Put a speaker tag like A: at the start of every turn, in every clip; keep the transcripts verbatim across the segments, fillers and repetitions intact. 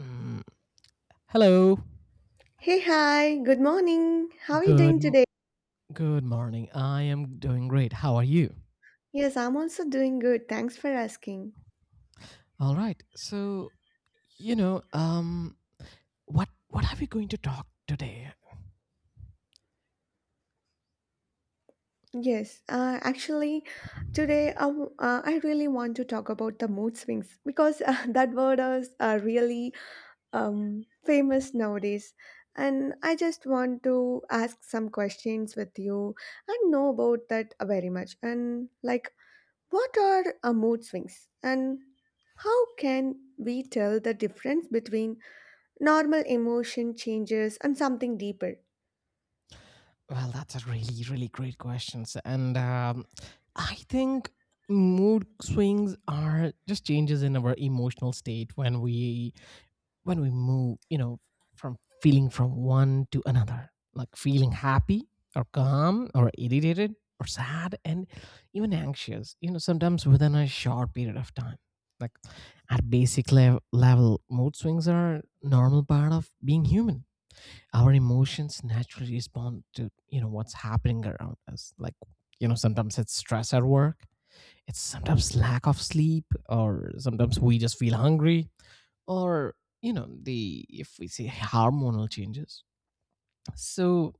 A: Mm, Hello.
B: Hey, hi, good morning. How are you
A: Good
B: doing
A: m-
B: today?
A: Good morning. I am doing great. How are you?
B: Yes, I'm also doing good. Thanks for asking.
A: All right. So, you know, um what what are we going to talk today?
B: Yes, uh, actually, today I, w- uh, I really want to talk about the mood swings because uh, that word is uh, really um, famous nowadays. And I just want to ask some questions with you and know about that uh, very much. And like, what are uh, mood swings? And how can we tell the difference between normal emotion changes and something deeper?
A: Well, that's a really really great question. So, And um I think mood swings are just changes in our emotional state when we when we move, you know, from feeling from one to another, like feeling happy or calm or irritated or sad and even anxious, you know, sometimes within a short period of time. Like at basic lev- level, mood swings are normal part of being human. Our emotions naturally respond to, you know, what's happening around us. Like, you know, sometimes it's stress at work, it's sometimes lack of sleep, or sometimes we just feel hungry or you know the if we say hormonal changes so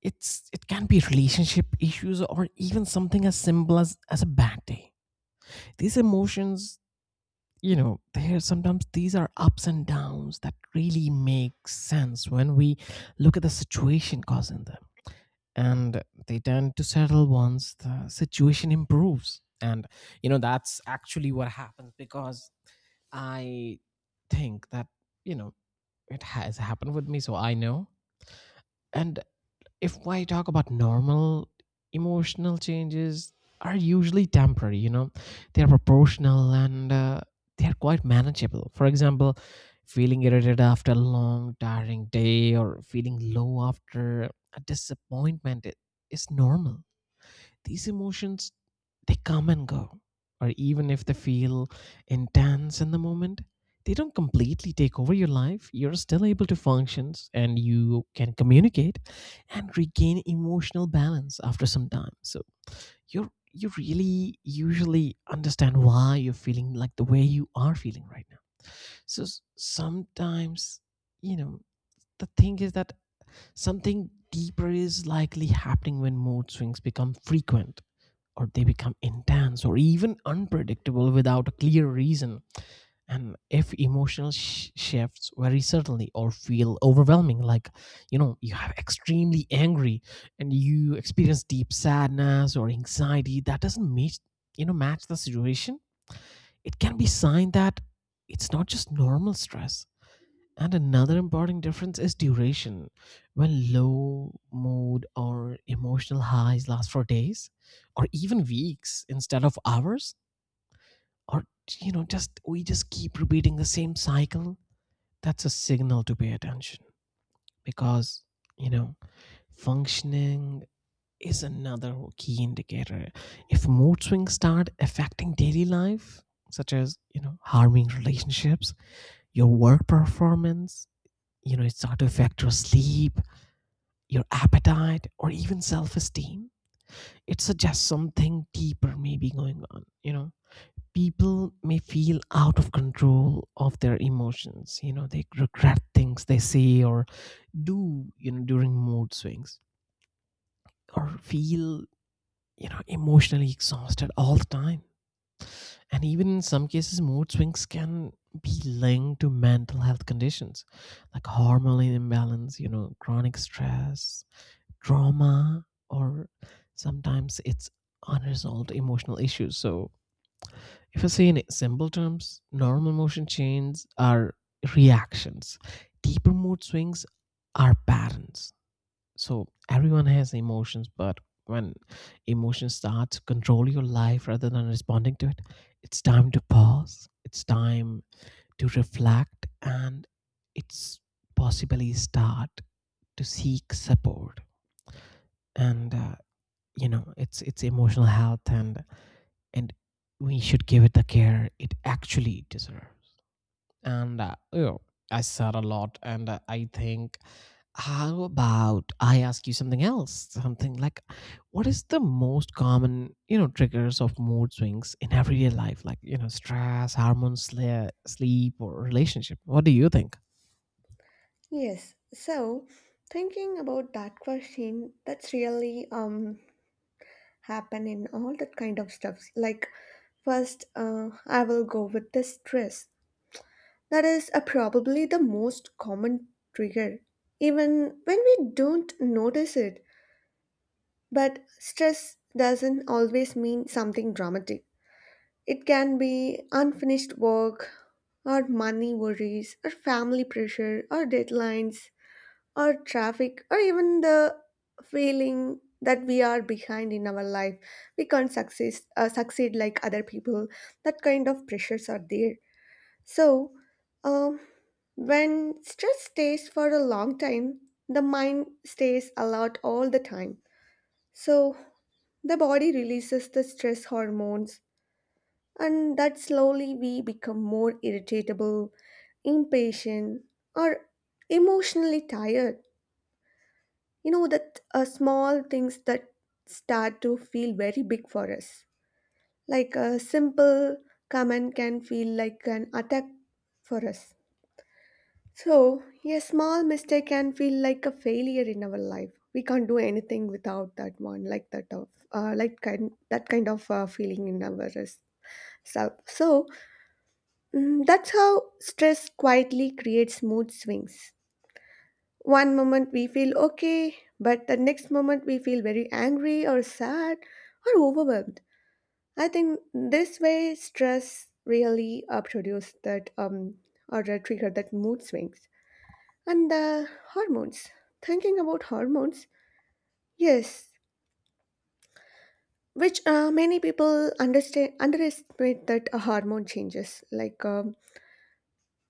A: it's it can be relationship issues or even something as simple as as a bad day. These emotions, you know, there sometimes these are ups and downs that really make sense when we look at the situation causing them, and they tend to settle once the situation improves. And you know that's actually what happens because i think that, you know, it has happened with me, so I know. And if I talk about normal emotional changes, are usually temporary, you know, they're proportional and uh, they're quite manageable. For example, feeling irritated after a long, tiring day or feeling low after a disappointment i- is normal. These emotions, they come and go, or even if they feel intense in the moment, they don't completely take over your life. You're still able to function and you can communicate and regain emotional balance after some time. So you're you really usually understand why you're feeling like the way you are feeling right now. So s- sometimes, you know, the thing is that something deeper is likely happening when mood swings become frequent or they become intense or even unpredictable without a clear reason. And if emotional sh- shifts very suddenly or feel overwhelming, like, you know, you have extremely angry and you experience deep sadness or anxiety that doesn't match you know match the situation, it can be sign that it's not just normal stress. And another important difference is duration. When low mood or emotional highs last for days or even weeks instead of hours, or, you know, just we just keep repeating the same cycle, that's a signal to pay attention. Because, you know, functioning is another key indicator. If mood swings start affecting daily life, such as, you know, harming relationships, your work performance, you know, it start to affect your sleep, your appetite, or even self esteem. It suggests something deeper may be going on, you know. People may feel out of control of their emotions. You know, they regret things they say or do, you know, during mood swings or feel, you know, emotionally exhausted all the time. And even in some cases, mood swings can be linked to mental health conditions like hormonal imbalance, you know, chronic stress, trauma, or sometimes it's unresolved emotional issues. So, if I say in simple terms, normal motion changes are reactions, deeper mood swings are patterns. So, everyone has emotions, but when emotions start to control your life rather than responding to it, it's time to pause, it's time to reflect, and it's possibly start to seek support. And uh, you know it's it's emotional health, and and we should give it the care it actually deserves. And uh, you know, i said a lot, and uh, i think, how about I ask you something else? Something like, what is the most common, you know, triggers of mood swings in everyday life? Like, you know, stress, hormones, sle- sleep, or relationship. What do you think?
B: Yes. So, thinking about that question, that's really um happen in all that kind of stuffs. Like first, uh, I will go with the stress. That is uh, probably the most common trigger, even when we don't notice it. But stress doesn't always mean something dramatic. It can be unfinished work, or money worries, or family pressure, or deadlines, or traffic, or even the feeling that we are behind in our life. We can't succeed, uh, succeed like other people. That kind of pressures are there. So, um, when stress stays for a long time, the mind stays alert all the time. So, the body releases the stress hormones, and that slowly we become more irritable, impatient, or emotionally tired. You know that uh, small things that start to feel very big for us. Like a simple comment can feel like an attack for us. So, a small mistake can feel like a failure in our life. We can't do anything without that one, like that of, uh, like kind, that kind of uh, feeling in our self. So, Mm, that's how stress quietly creates mood swings. One moment we feel okay, but the next moment we feel very angry or sad or overwhelmed. I think this way stress really uh, produces that um or uh, trigger that mood swings and the hormones. Thinking about hormones, yes, which uh, many people understand underestimate that uh, hormone changes like. Uh,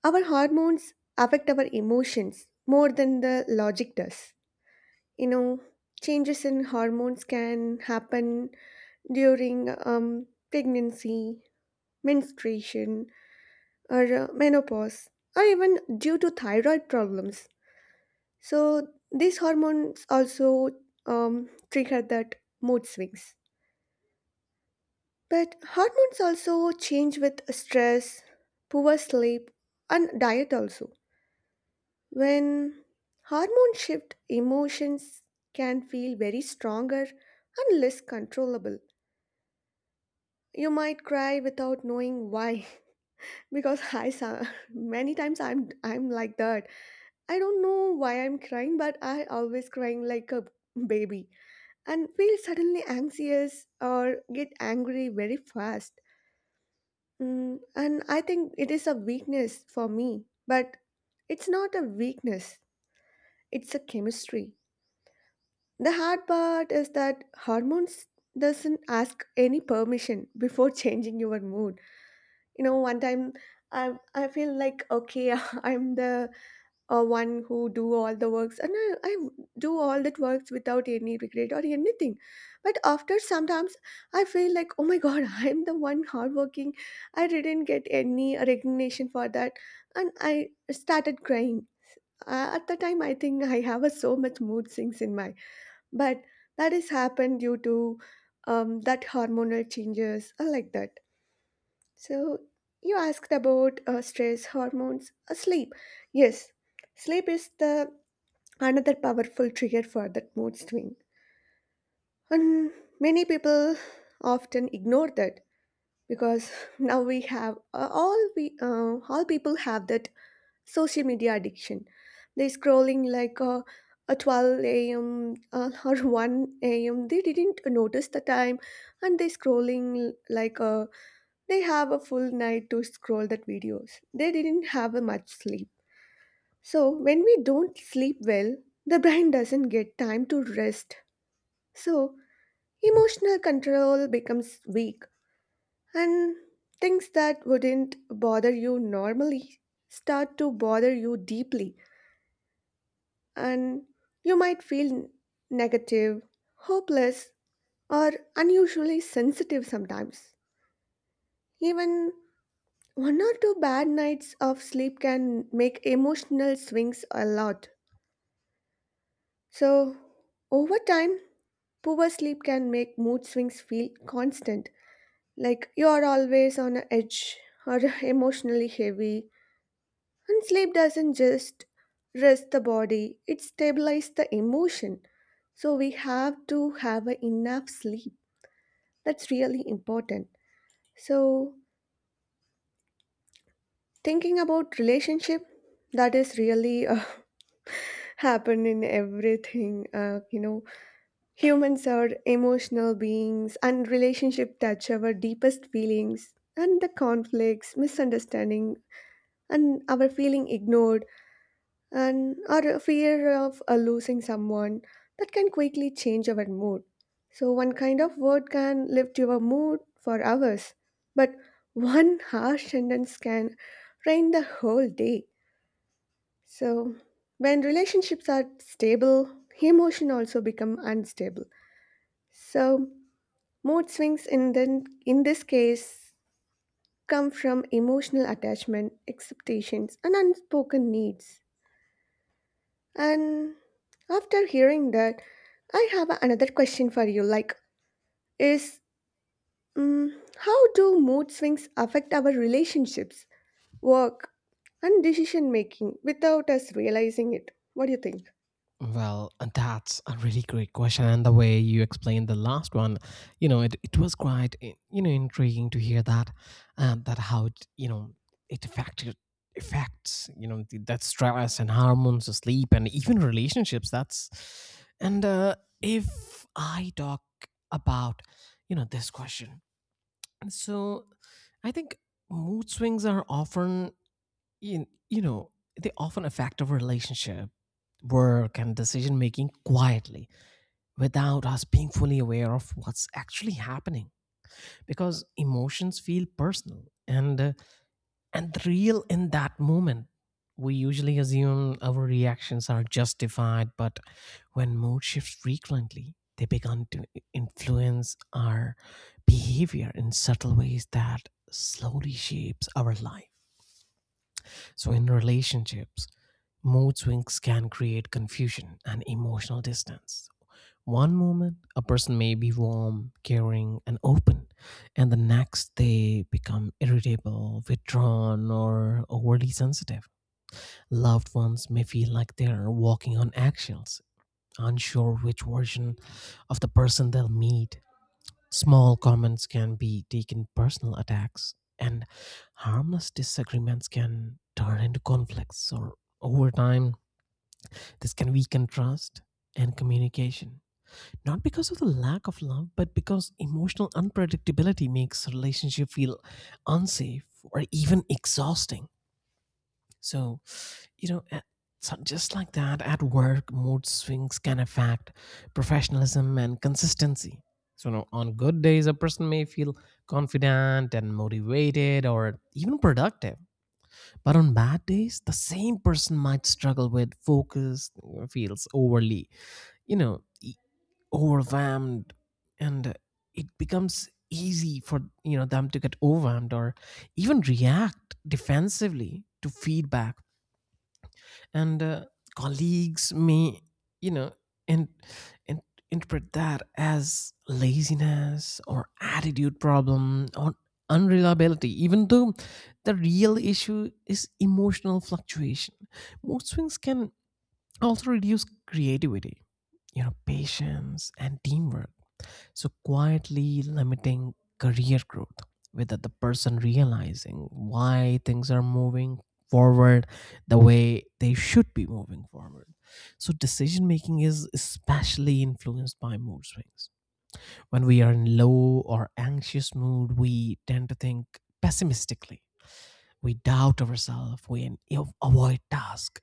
B: Our hormones affect our emotions more than the logic does. You know, changes in hormones can happen during um, pregnancy, menstruation, or uh, menopause, or even due to thyroid problems. So, these hormones also um, trigger that mood swings. But hormones also change with stress, poor sleep, and diet also. When hormone shift, emotions can feel very stronger and less controllable. You might cry without knowing why. Because I so- many times I'm I'm like that. I don't know why I'm crying, but I always crying like a baby and feel suddenly anxious or get angry very fast. Mm, and I think it is a weakness for me, but it's not a weakness. It's a chemistry. The hard part is that hormones doesn't ask any permission before changing your mood. You know, one time I I feel like okay, I'm the uh, one who do all the works, and I, I do all that works without any regret or anything. But after sometimes I feel like, oh my god, I'm the one hardworking. I didn't get any recognition for that, and I started crying. Uh, at the time, I think I have a so much mood swings in my, but that has happened due to um, that hormonal changes uh, like that. So, you asked about uh, stress, hormones, uh, sleep. Yes, sleep is the another powerful trigger for that mood swing, and many people often ignore that because now we have uh, all we uh, all people have that social media addiction. They scrolling like uh, a twelve a m. Uh, or one a m. They didn't notice the time, and they scrolling like uh, they have a full night to scroll that videos. They didn't have a much sleep. So when we don't sleep well, the brain doesn't get time to rest. So emotional control becomes weak, and things that wouldn't bother you normally start to bother you deeply, and you might feel negative, hopeless, or unusually sensitive sometimes. Even one or two bad nights of sleep can make emotional swings a lot. So, over time, poor sleep can make mood swings feel constant, like you are always on edge or emotionally heavy. And sleep doesn't just rest the body, it stabilizes the emotion. So we have to have a enough sleep. That's really important. So thinking about relationship, that is really uh, happen in everything. Uh, you know, humans are emotional beings, and relationship touch our deepest feelings and the conflicts, misunderstanding, and our feeling ignored, and or a fear of uh, losing someone that can quickly change our mood. So one kind of word can lift your mood for hours, but one harsh sentence can rain the whole day. So when relationships are stable, emotion also become unstable. So mood swings in then in this case come from emotional attachment, expectations, and unspoken needs. And after hearing that, I have another question for you, like, is mm how do mood swings affect our relationships, work, and decision making without us realizing it? What do you think?
A: Well, uh, that's a really great question. And the way you explained the last one, you know, it, it was quite, i- you know, intriguing to hear that, and that how, it, you know, it affected affects, you know, the, that stress and hormones, sleep, and even relationships. That's, and uh, If I talk about, you know, this question, so I think mood swings are often, you, you know, they often affect our relationship, work, and decision making quietly without us being fully aware of what's actually happening. Because emotions feel personal and uh, and real in that moment, we usually assume our reactions are justified. But when mood shifts frequently, they begin to influence our behavior in subtle ways that slowly shapes our life. So in relationships, mood swings can create confusion and emotional distance. One moment, a person may be warm, caring, and open, and the next they become irritable, withdrawn, or overly sensitive. Loved ones may feel like they're walking on eggshells, unsure which version of the person they'll meet. Small comments can be taken personal attacks, and harmless disagreements can turn into conflicts, or over time, this can weaken trust and communication. Not because of the lack of love, but because emotional unpredictability makes a relationship feel unsafe or even exhausting. So, you know, a- so just like that, at work, mood swings can affect professionalism and consistency. So, you know, on good days, a person may feel confident and motivated or even productive. But on bad days, the same person might struggle with focus, feels overly, you know, e- overwhelmed, and it becomes easy for, you know, them to get overwhelmed or even react defensively to feedback. And uh, colleagues may, you know and and interpret that as laziness or attitude problem or unreliability, even though the real issue is emotional fluctuation. Mood swings can also reduce creativity, you know, patience and teamwork, so quietly limiting career growth without the person realizing why things are moving forward the way they should be moving forward. So decision making is especially influenced by mood swings. When we are in low or anxious mood, we tend to think pessimistically, we doubt ourselves, we an- avoid tasks.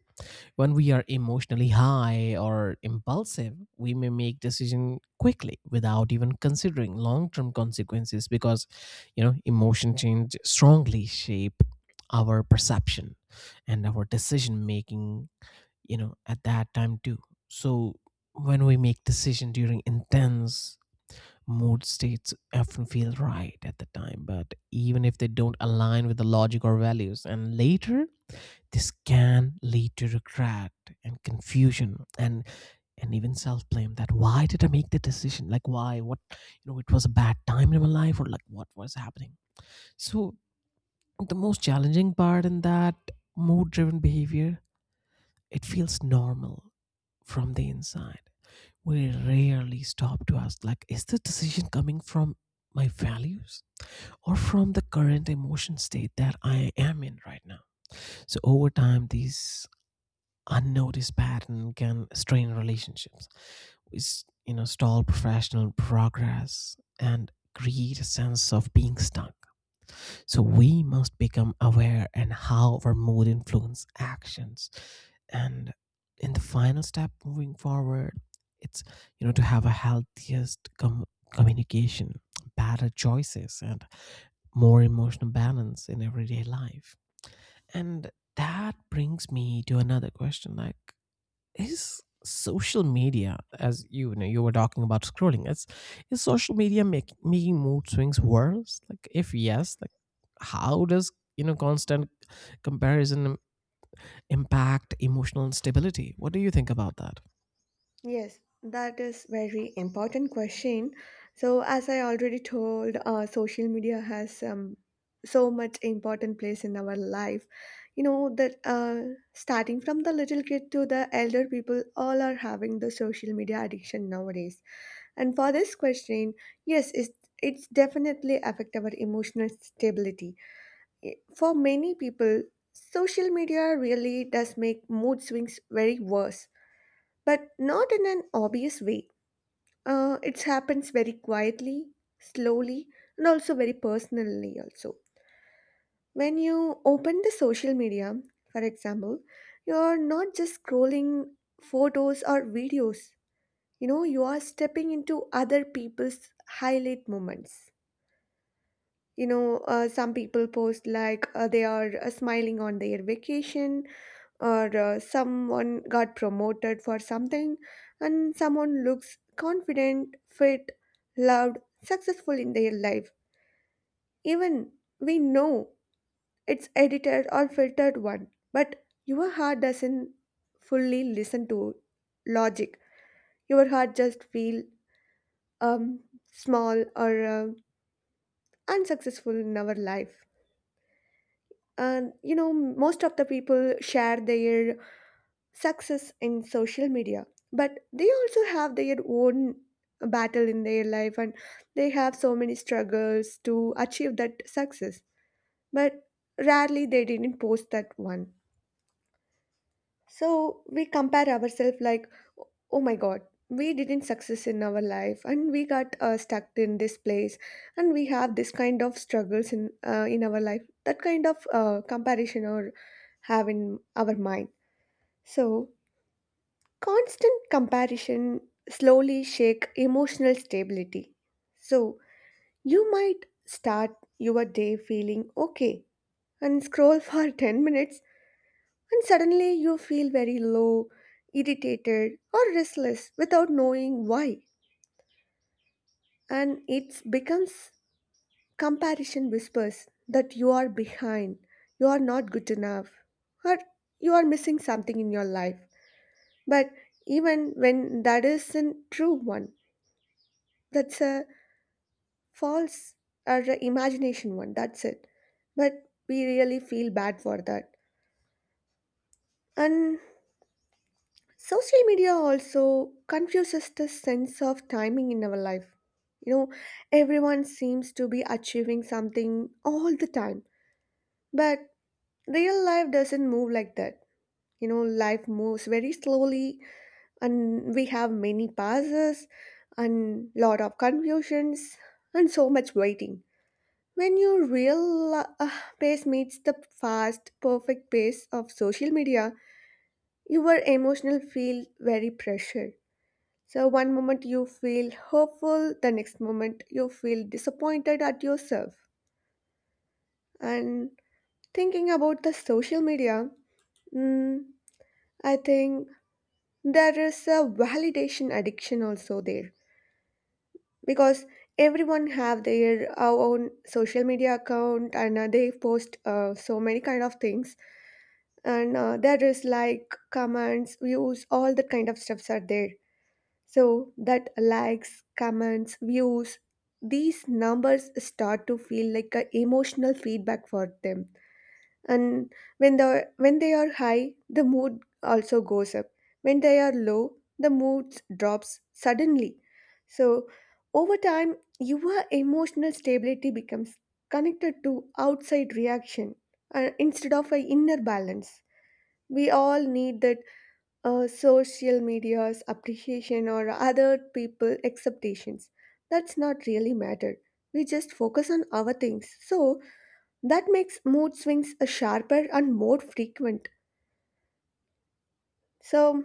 A: When we are emotionally high or impulsive, we may make decision quickly without even considering long-term consequences, because, you know, emotion change strongly shape our perception and our decision making, you know, at that time too. So when we make decision during intense mood states often feel right at the time, but even if they don't align with the logic or values, and later this can lead to regret and confusion and and even self-blame, that why did i make the decision, like why, what, you know, it was a bad time in my life or like what was happening. So the most challenging part in that mood driven behavior, it feels normal from the inside. We rarely stop to ask, like, is the decision coming from my values or from the current emotion state that i am in right now? So over time these unnoticed pattern can strain relationships, which, you know, stall professional progress and create a sense of being stuck. So we must become aware and how our mood influence actions. And in the final step moving forward, it's, you know, to have a healthiest com- communication, better choices, and more emotional balance in everyday life. And that brings me to another question, like, is social media, as you know you were talking about scrolling, is is social media make, making mood swings worse? Like if yes, like how does, you know, constant comparison im- impact emotional instability? What do you think about that?
B: Yes, that is very important question. So as I already told, uh, social media has um, so much important place in our life. You know that uh, starting from the little kid to the elder people, all are having the social media addiction nowadays. And for this question, yes, it's it's definitely affect our emotional stability. I- For many people, social media really does make mood swings very worse, but not in an obvious way. Uh, it happens very quietly, slowly, and also very personally also. When you open the social media, for example, you are not just scrolling photos or videos. You know, you are stepping into other people's highlight moments. You know, uh, some people post like uh, they are uh, smiling on their vacation, or uh, someone got promoted for something, and someone looks confident, fit, loved, successful in their life. Even we know it's edited or filtered one, but your heart doesn't fully listen to logic. Your heart just feel um, small or um unsuccessful in our life. And you know, most of the people share their success in social media, but they also have their own battle in their life, and they have so many struggles to achieve that success, but rarely they didn't post that one. So we compare ourselves like, oh my god, we didn't success in our life, and we got uh, stuck in this place, and we have this kind of struggles in uh, in our life. That kind of uh, comparison or have in our mind. So constant comparison slowly shake emotional stability. So, you might start your day feeling okay and scroll for ten minutes, and suddenly you feel very low, irritated, or restless without knowing why, and it becomes comparison whispers that you are behind, you are not good enough, or you are missing something in your life. But even when that isn't true one, that's a false are the imagination one, that's it. But we really feel bad for that. And social media also confuses the sense of timing in our life. You know, everyone seems to be achieving something all the time, but real life doesn't move like that. You know, life moves very slowly, and we have many passes and lot of confusions and so much waiting. When your real uh, pace meets the fast, perfect pace of social media, your emotional feel very pressured. So one moment you feel hopeful, the next moment you feel disappointed at yourself. And thinking about the social media, mm, I think there is a validation addiction also there, because everyone have their uh, own social media account, and uh, they post uh, so many kind of things, and uh, there is like comments, views, all that kind of stuffs are there. So that likes, comments, views, these numbers start to feel like a emotional feedback for them. And when the when they are high, the mood also goes up. When they are low, the mood drops suddenly. So over time your emotional stability becomes connected to outside reaction, uh, instead of a inner balance. We all need that uh, social media's appreciation or other people acceptations. That's not really matter. We just focus on our things. So that makes mood swings uh, sharper and more frequent. So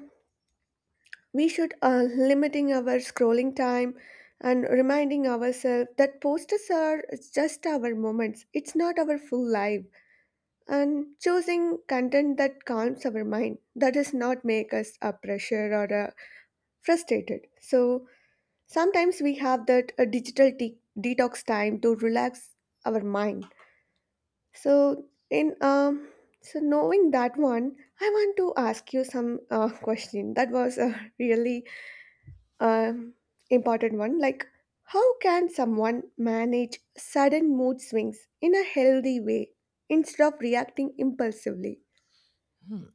B: we should uh, limiting our scrolling time and reminding ourselves that posters are just our moments. It's not our full life. And choosing content that calms our mind. That does not make us a pressure or a frustrated. So sometimes we have that a digital de- detox time to relax our mind. So in um, so knowing that one, I want to ask you some uh, question that was a really um, important one. Like, how can someone manage sudden mood swings in a healthy way instead of reacting impulsively?
A: Hmm.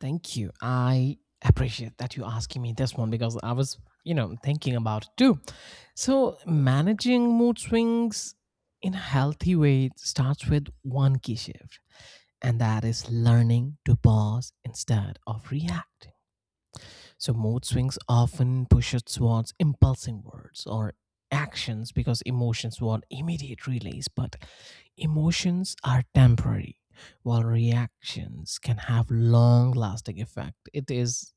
A: Thank you. I appreciate that you asking me this one because I was, you know, thinking about it too. So, managing mood swings in a healthy way starts with one key shift, and that is learning to pause instead of react. So mood swings often push us towards impulsive words or actions because emotions want immediate release, but emotions are temporary, while reactions can have long lasting effect. It is,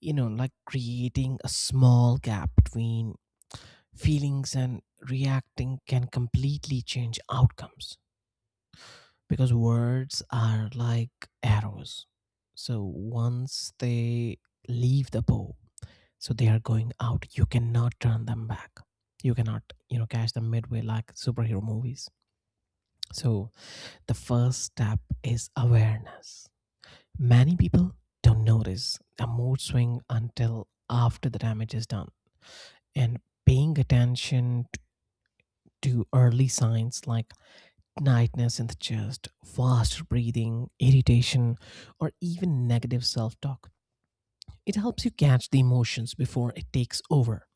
A: you know, like creating a small gap between feelings and reacting can completely change outcomes, because words are like arrows. So once they leave the bow, so they are going out, you cannot turn them back, you cannot, you know, catch them midway like superhero movies. So the first step is awareness. Many people don't notice a mood swing until after the damage is done. And paying attention to early signs like tightness in the chest, fast breathing, irritation, or even negative self-talk, it helps you catch the emotions before it takes over.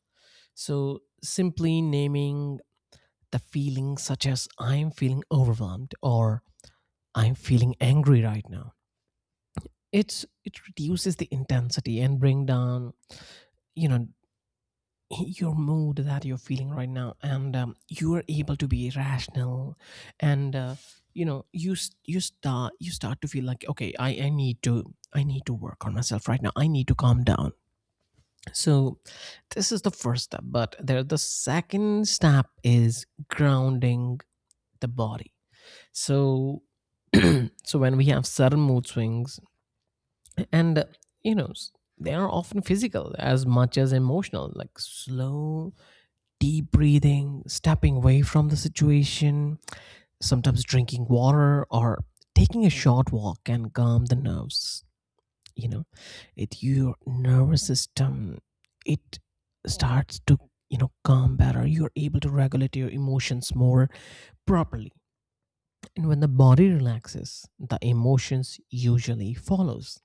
A: So simply naming the feelings, such as I'm feeling overwhelmed or I'm feeling angry right now. It's it reduces the intensity and bring down, you know, your mood that you're feeling right now, and um, you are able to be rational, and uh, you know you s- you start you start to feel like okay, I I need to I need to work on myself right now. I need to calm down. So this is the first step, but there the second step is grounding the body. So so when we have sudden mood swings, and uh, you know s- they are often physical as much as emotional, like slow deep breathing, stepping away from the situation, sometimes drinking water or taking a short walk can calm the nerves. You know, it, your nervous system, it starts to, you know, calm better, you're able to regulate your emotions more properly. And when the body relaxes, the emotions usually follows.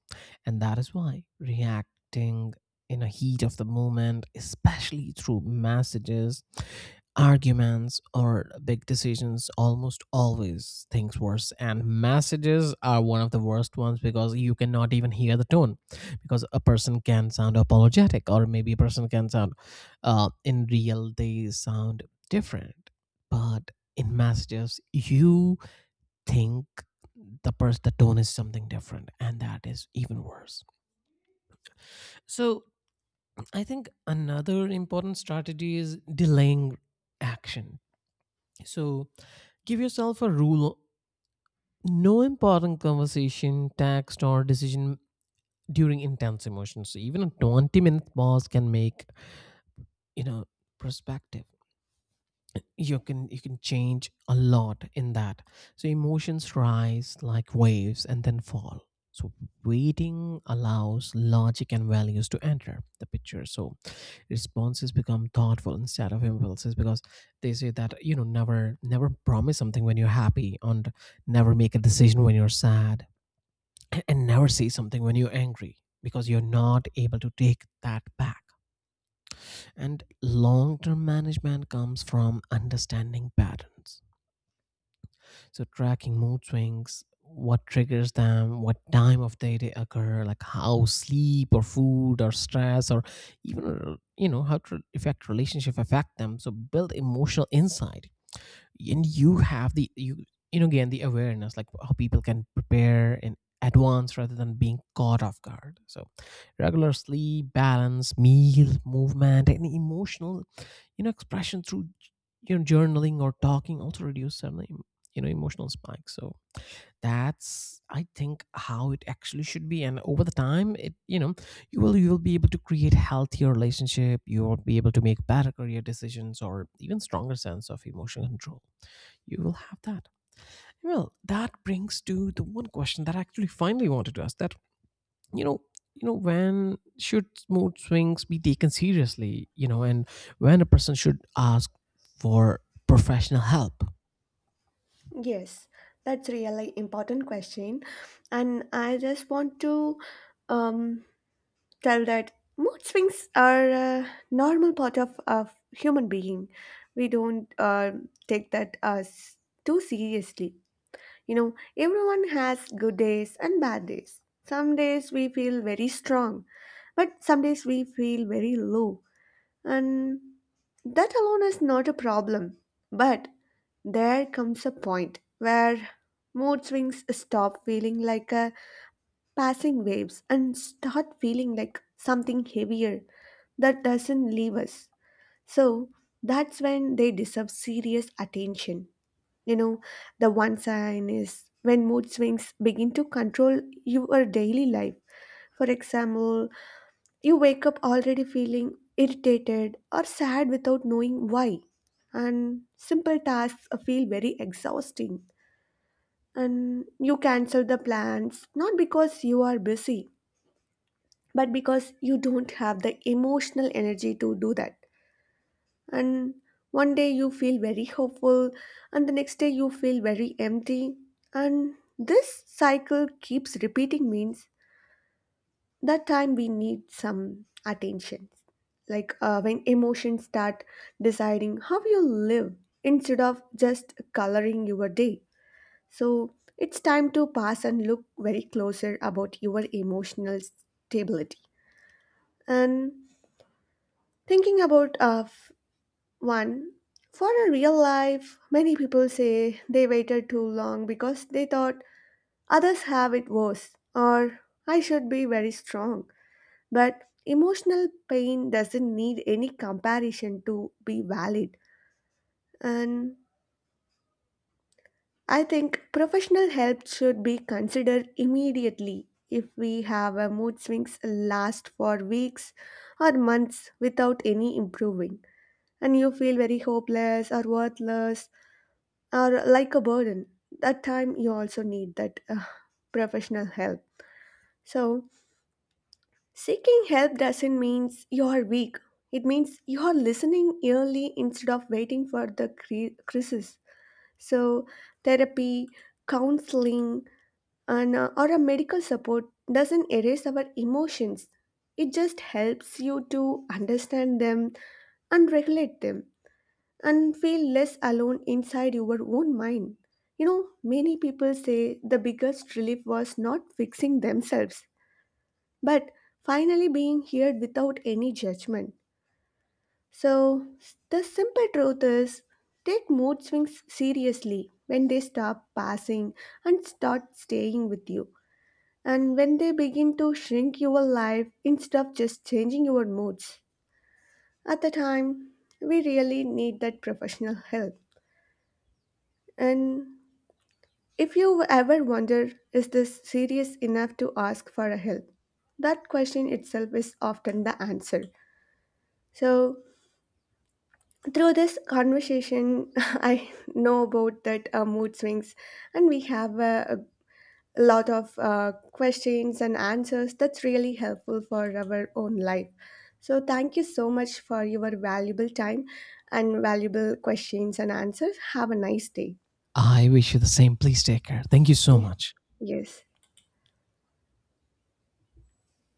A: And that is why reacting in a heat of the moment, especially through messages, arguments or big decisions, almost always things worse. And messages are one of the worst ones because you cannot even hear the tone, because a person can sound apologetic or maybe a person can sound uh, in real they sound different, but in messages you think the person the tone is something different, and that is even worse. So i think another important strategy is delaying action. So give yourself a rule, no important conversation, text, or decision during intense emotions. So even a twenty minute pause can make, you know, perspective, you can you can change a lot in that. So emotions rise like waves and then fall, so waiting allows logic and values to enter the picture, so responses become thoughtful instead of impulses. Because they say that, you know, never never promise something when you're happy, and never make a decision when you're sad, and never say something when you're angry, because you're not able to take that back. And long term management comes from understanding patterns. So tracking mood swings, what triggers them, what time of day they occur, like how sleep or food or stress, or even uh, you know, how to affect relationship affect them. So build emotional insight, and you have the, you you know, again the awareness, like how people can prepare in advance rather than being caught off guard. So regular sleep, balance meal, movement, and emotional, you know, expression through, you know, journaling or talking also reduce some, you know, emotional spikes. So that's, i think, how it actually should be, and over the time it, you know, you will you will be able to create healthier relationship, you will be able to make better career decisions or even stronger sense of emotional control you will have that. Well, that brings to the one question that I actually finally wanted to ask, that, you know, you know, when should mood swings be taken seriously, you know, and when a person should ask for professional help?
B: Yes, that's really important question, and I just want to um, tell that mood swings are a normal part of a human being. We don't uh, take that as too seriously. You know, everyone has good days and bad days. Some days we feel very strong, but some days we feel very low. And that alone is not a problem. But there comes a point where mood swings stop feeling like a passing waves and start feeling like something heavier that doesn't leave us. So that's when they deserve serious attention. You know, the one sign is when mood swings begin to control your daily life. For example, you wake up already feeling irritated or sad without knowing why. And simple tasks feel very exhausting. And you cancel the plans, not because you are busy, but because you don't have the emotional energy to do that. And one day you feel very hopeful, and the next day you feel very empty. And this cycle keeps repeating, means that time we need some attention. Like uh, when emotions start deciding how you live instead of just coloring your day. So it's time to pass and look very closer about your emotional stability. And thinking about uh, f- one, for a real life, many people say they waited too long because they thought others have it worse or I should be very strong. But emotional pain doesn't need any comparison to be valid. And I think professional help should be considered immediately if we have a mood swings last for weeks or months without any improving, and you feel very hopeless or worthless or like a burden. That time you also need that uh, professional help. So, seeking help doesn't mean you are weak. It means you are listening early instead of waiting for the cre- crisis. So, therapy, counseling, and uh, or a medical support doesn't erase our emotions. It just helps you to understand them and regulate them, and feel less alone inside your own mind. You know, many people say the biggest relief was not fixing themselves, but finally being heard without any judgment. So, the simple truth is, take mood swings seriously when they stop passing and start staying with you, and when they begin to shrink your life instead of just changing your moods. At the time, we really need that professional help. And if you ever wonder, is this serious enough to ask for a help? That question itself is often the answer. So, through this conversation, I know about that uh, mood swings, and we have uh, a lot of uh, questions and answers that's really helpful for our own life. So, thank you so much for your valuable time and valuable questions and answers. Have a nice day.
A: I wish you the same. Please take care. Thank you so
B: Yeah.
A: much.
B: Yes.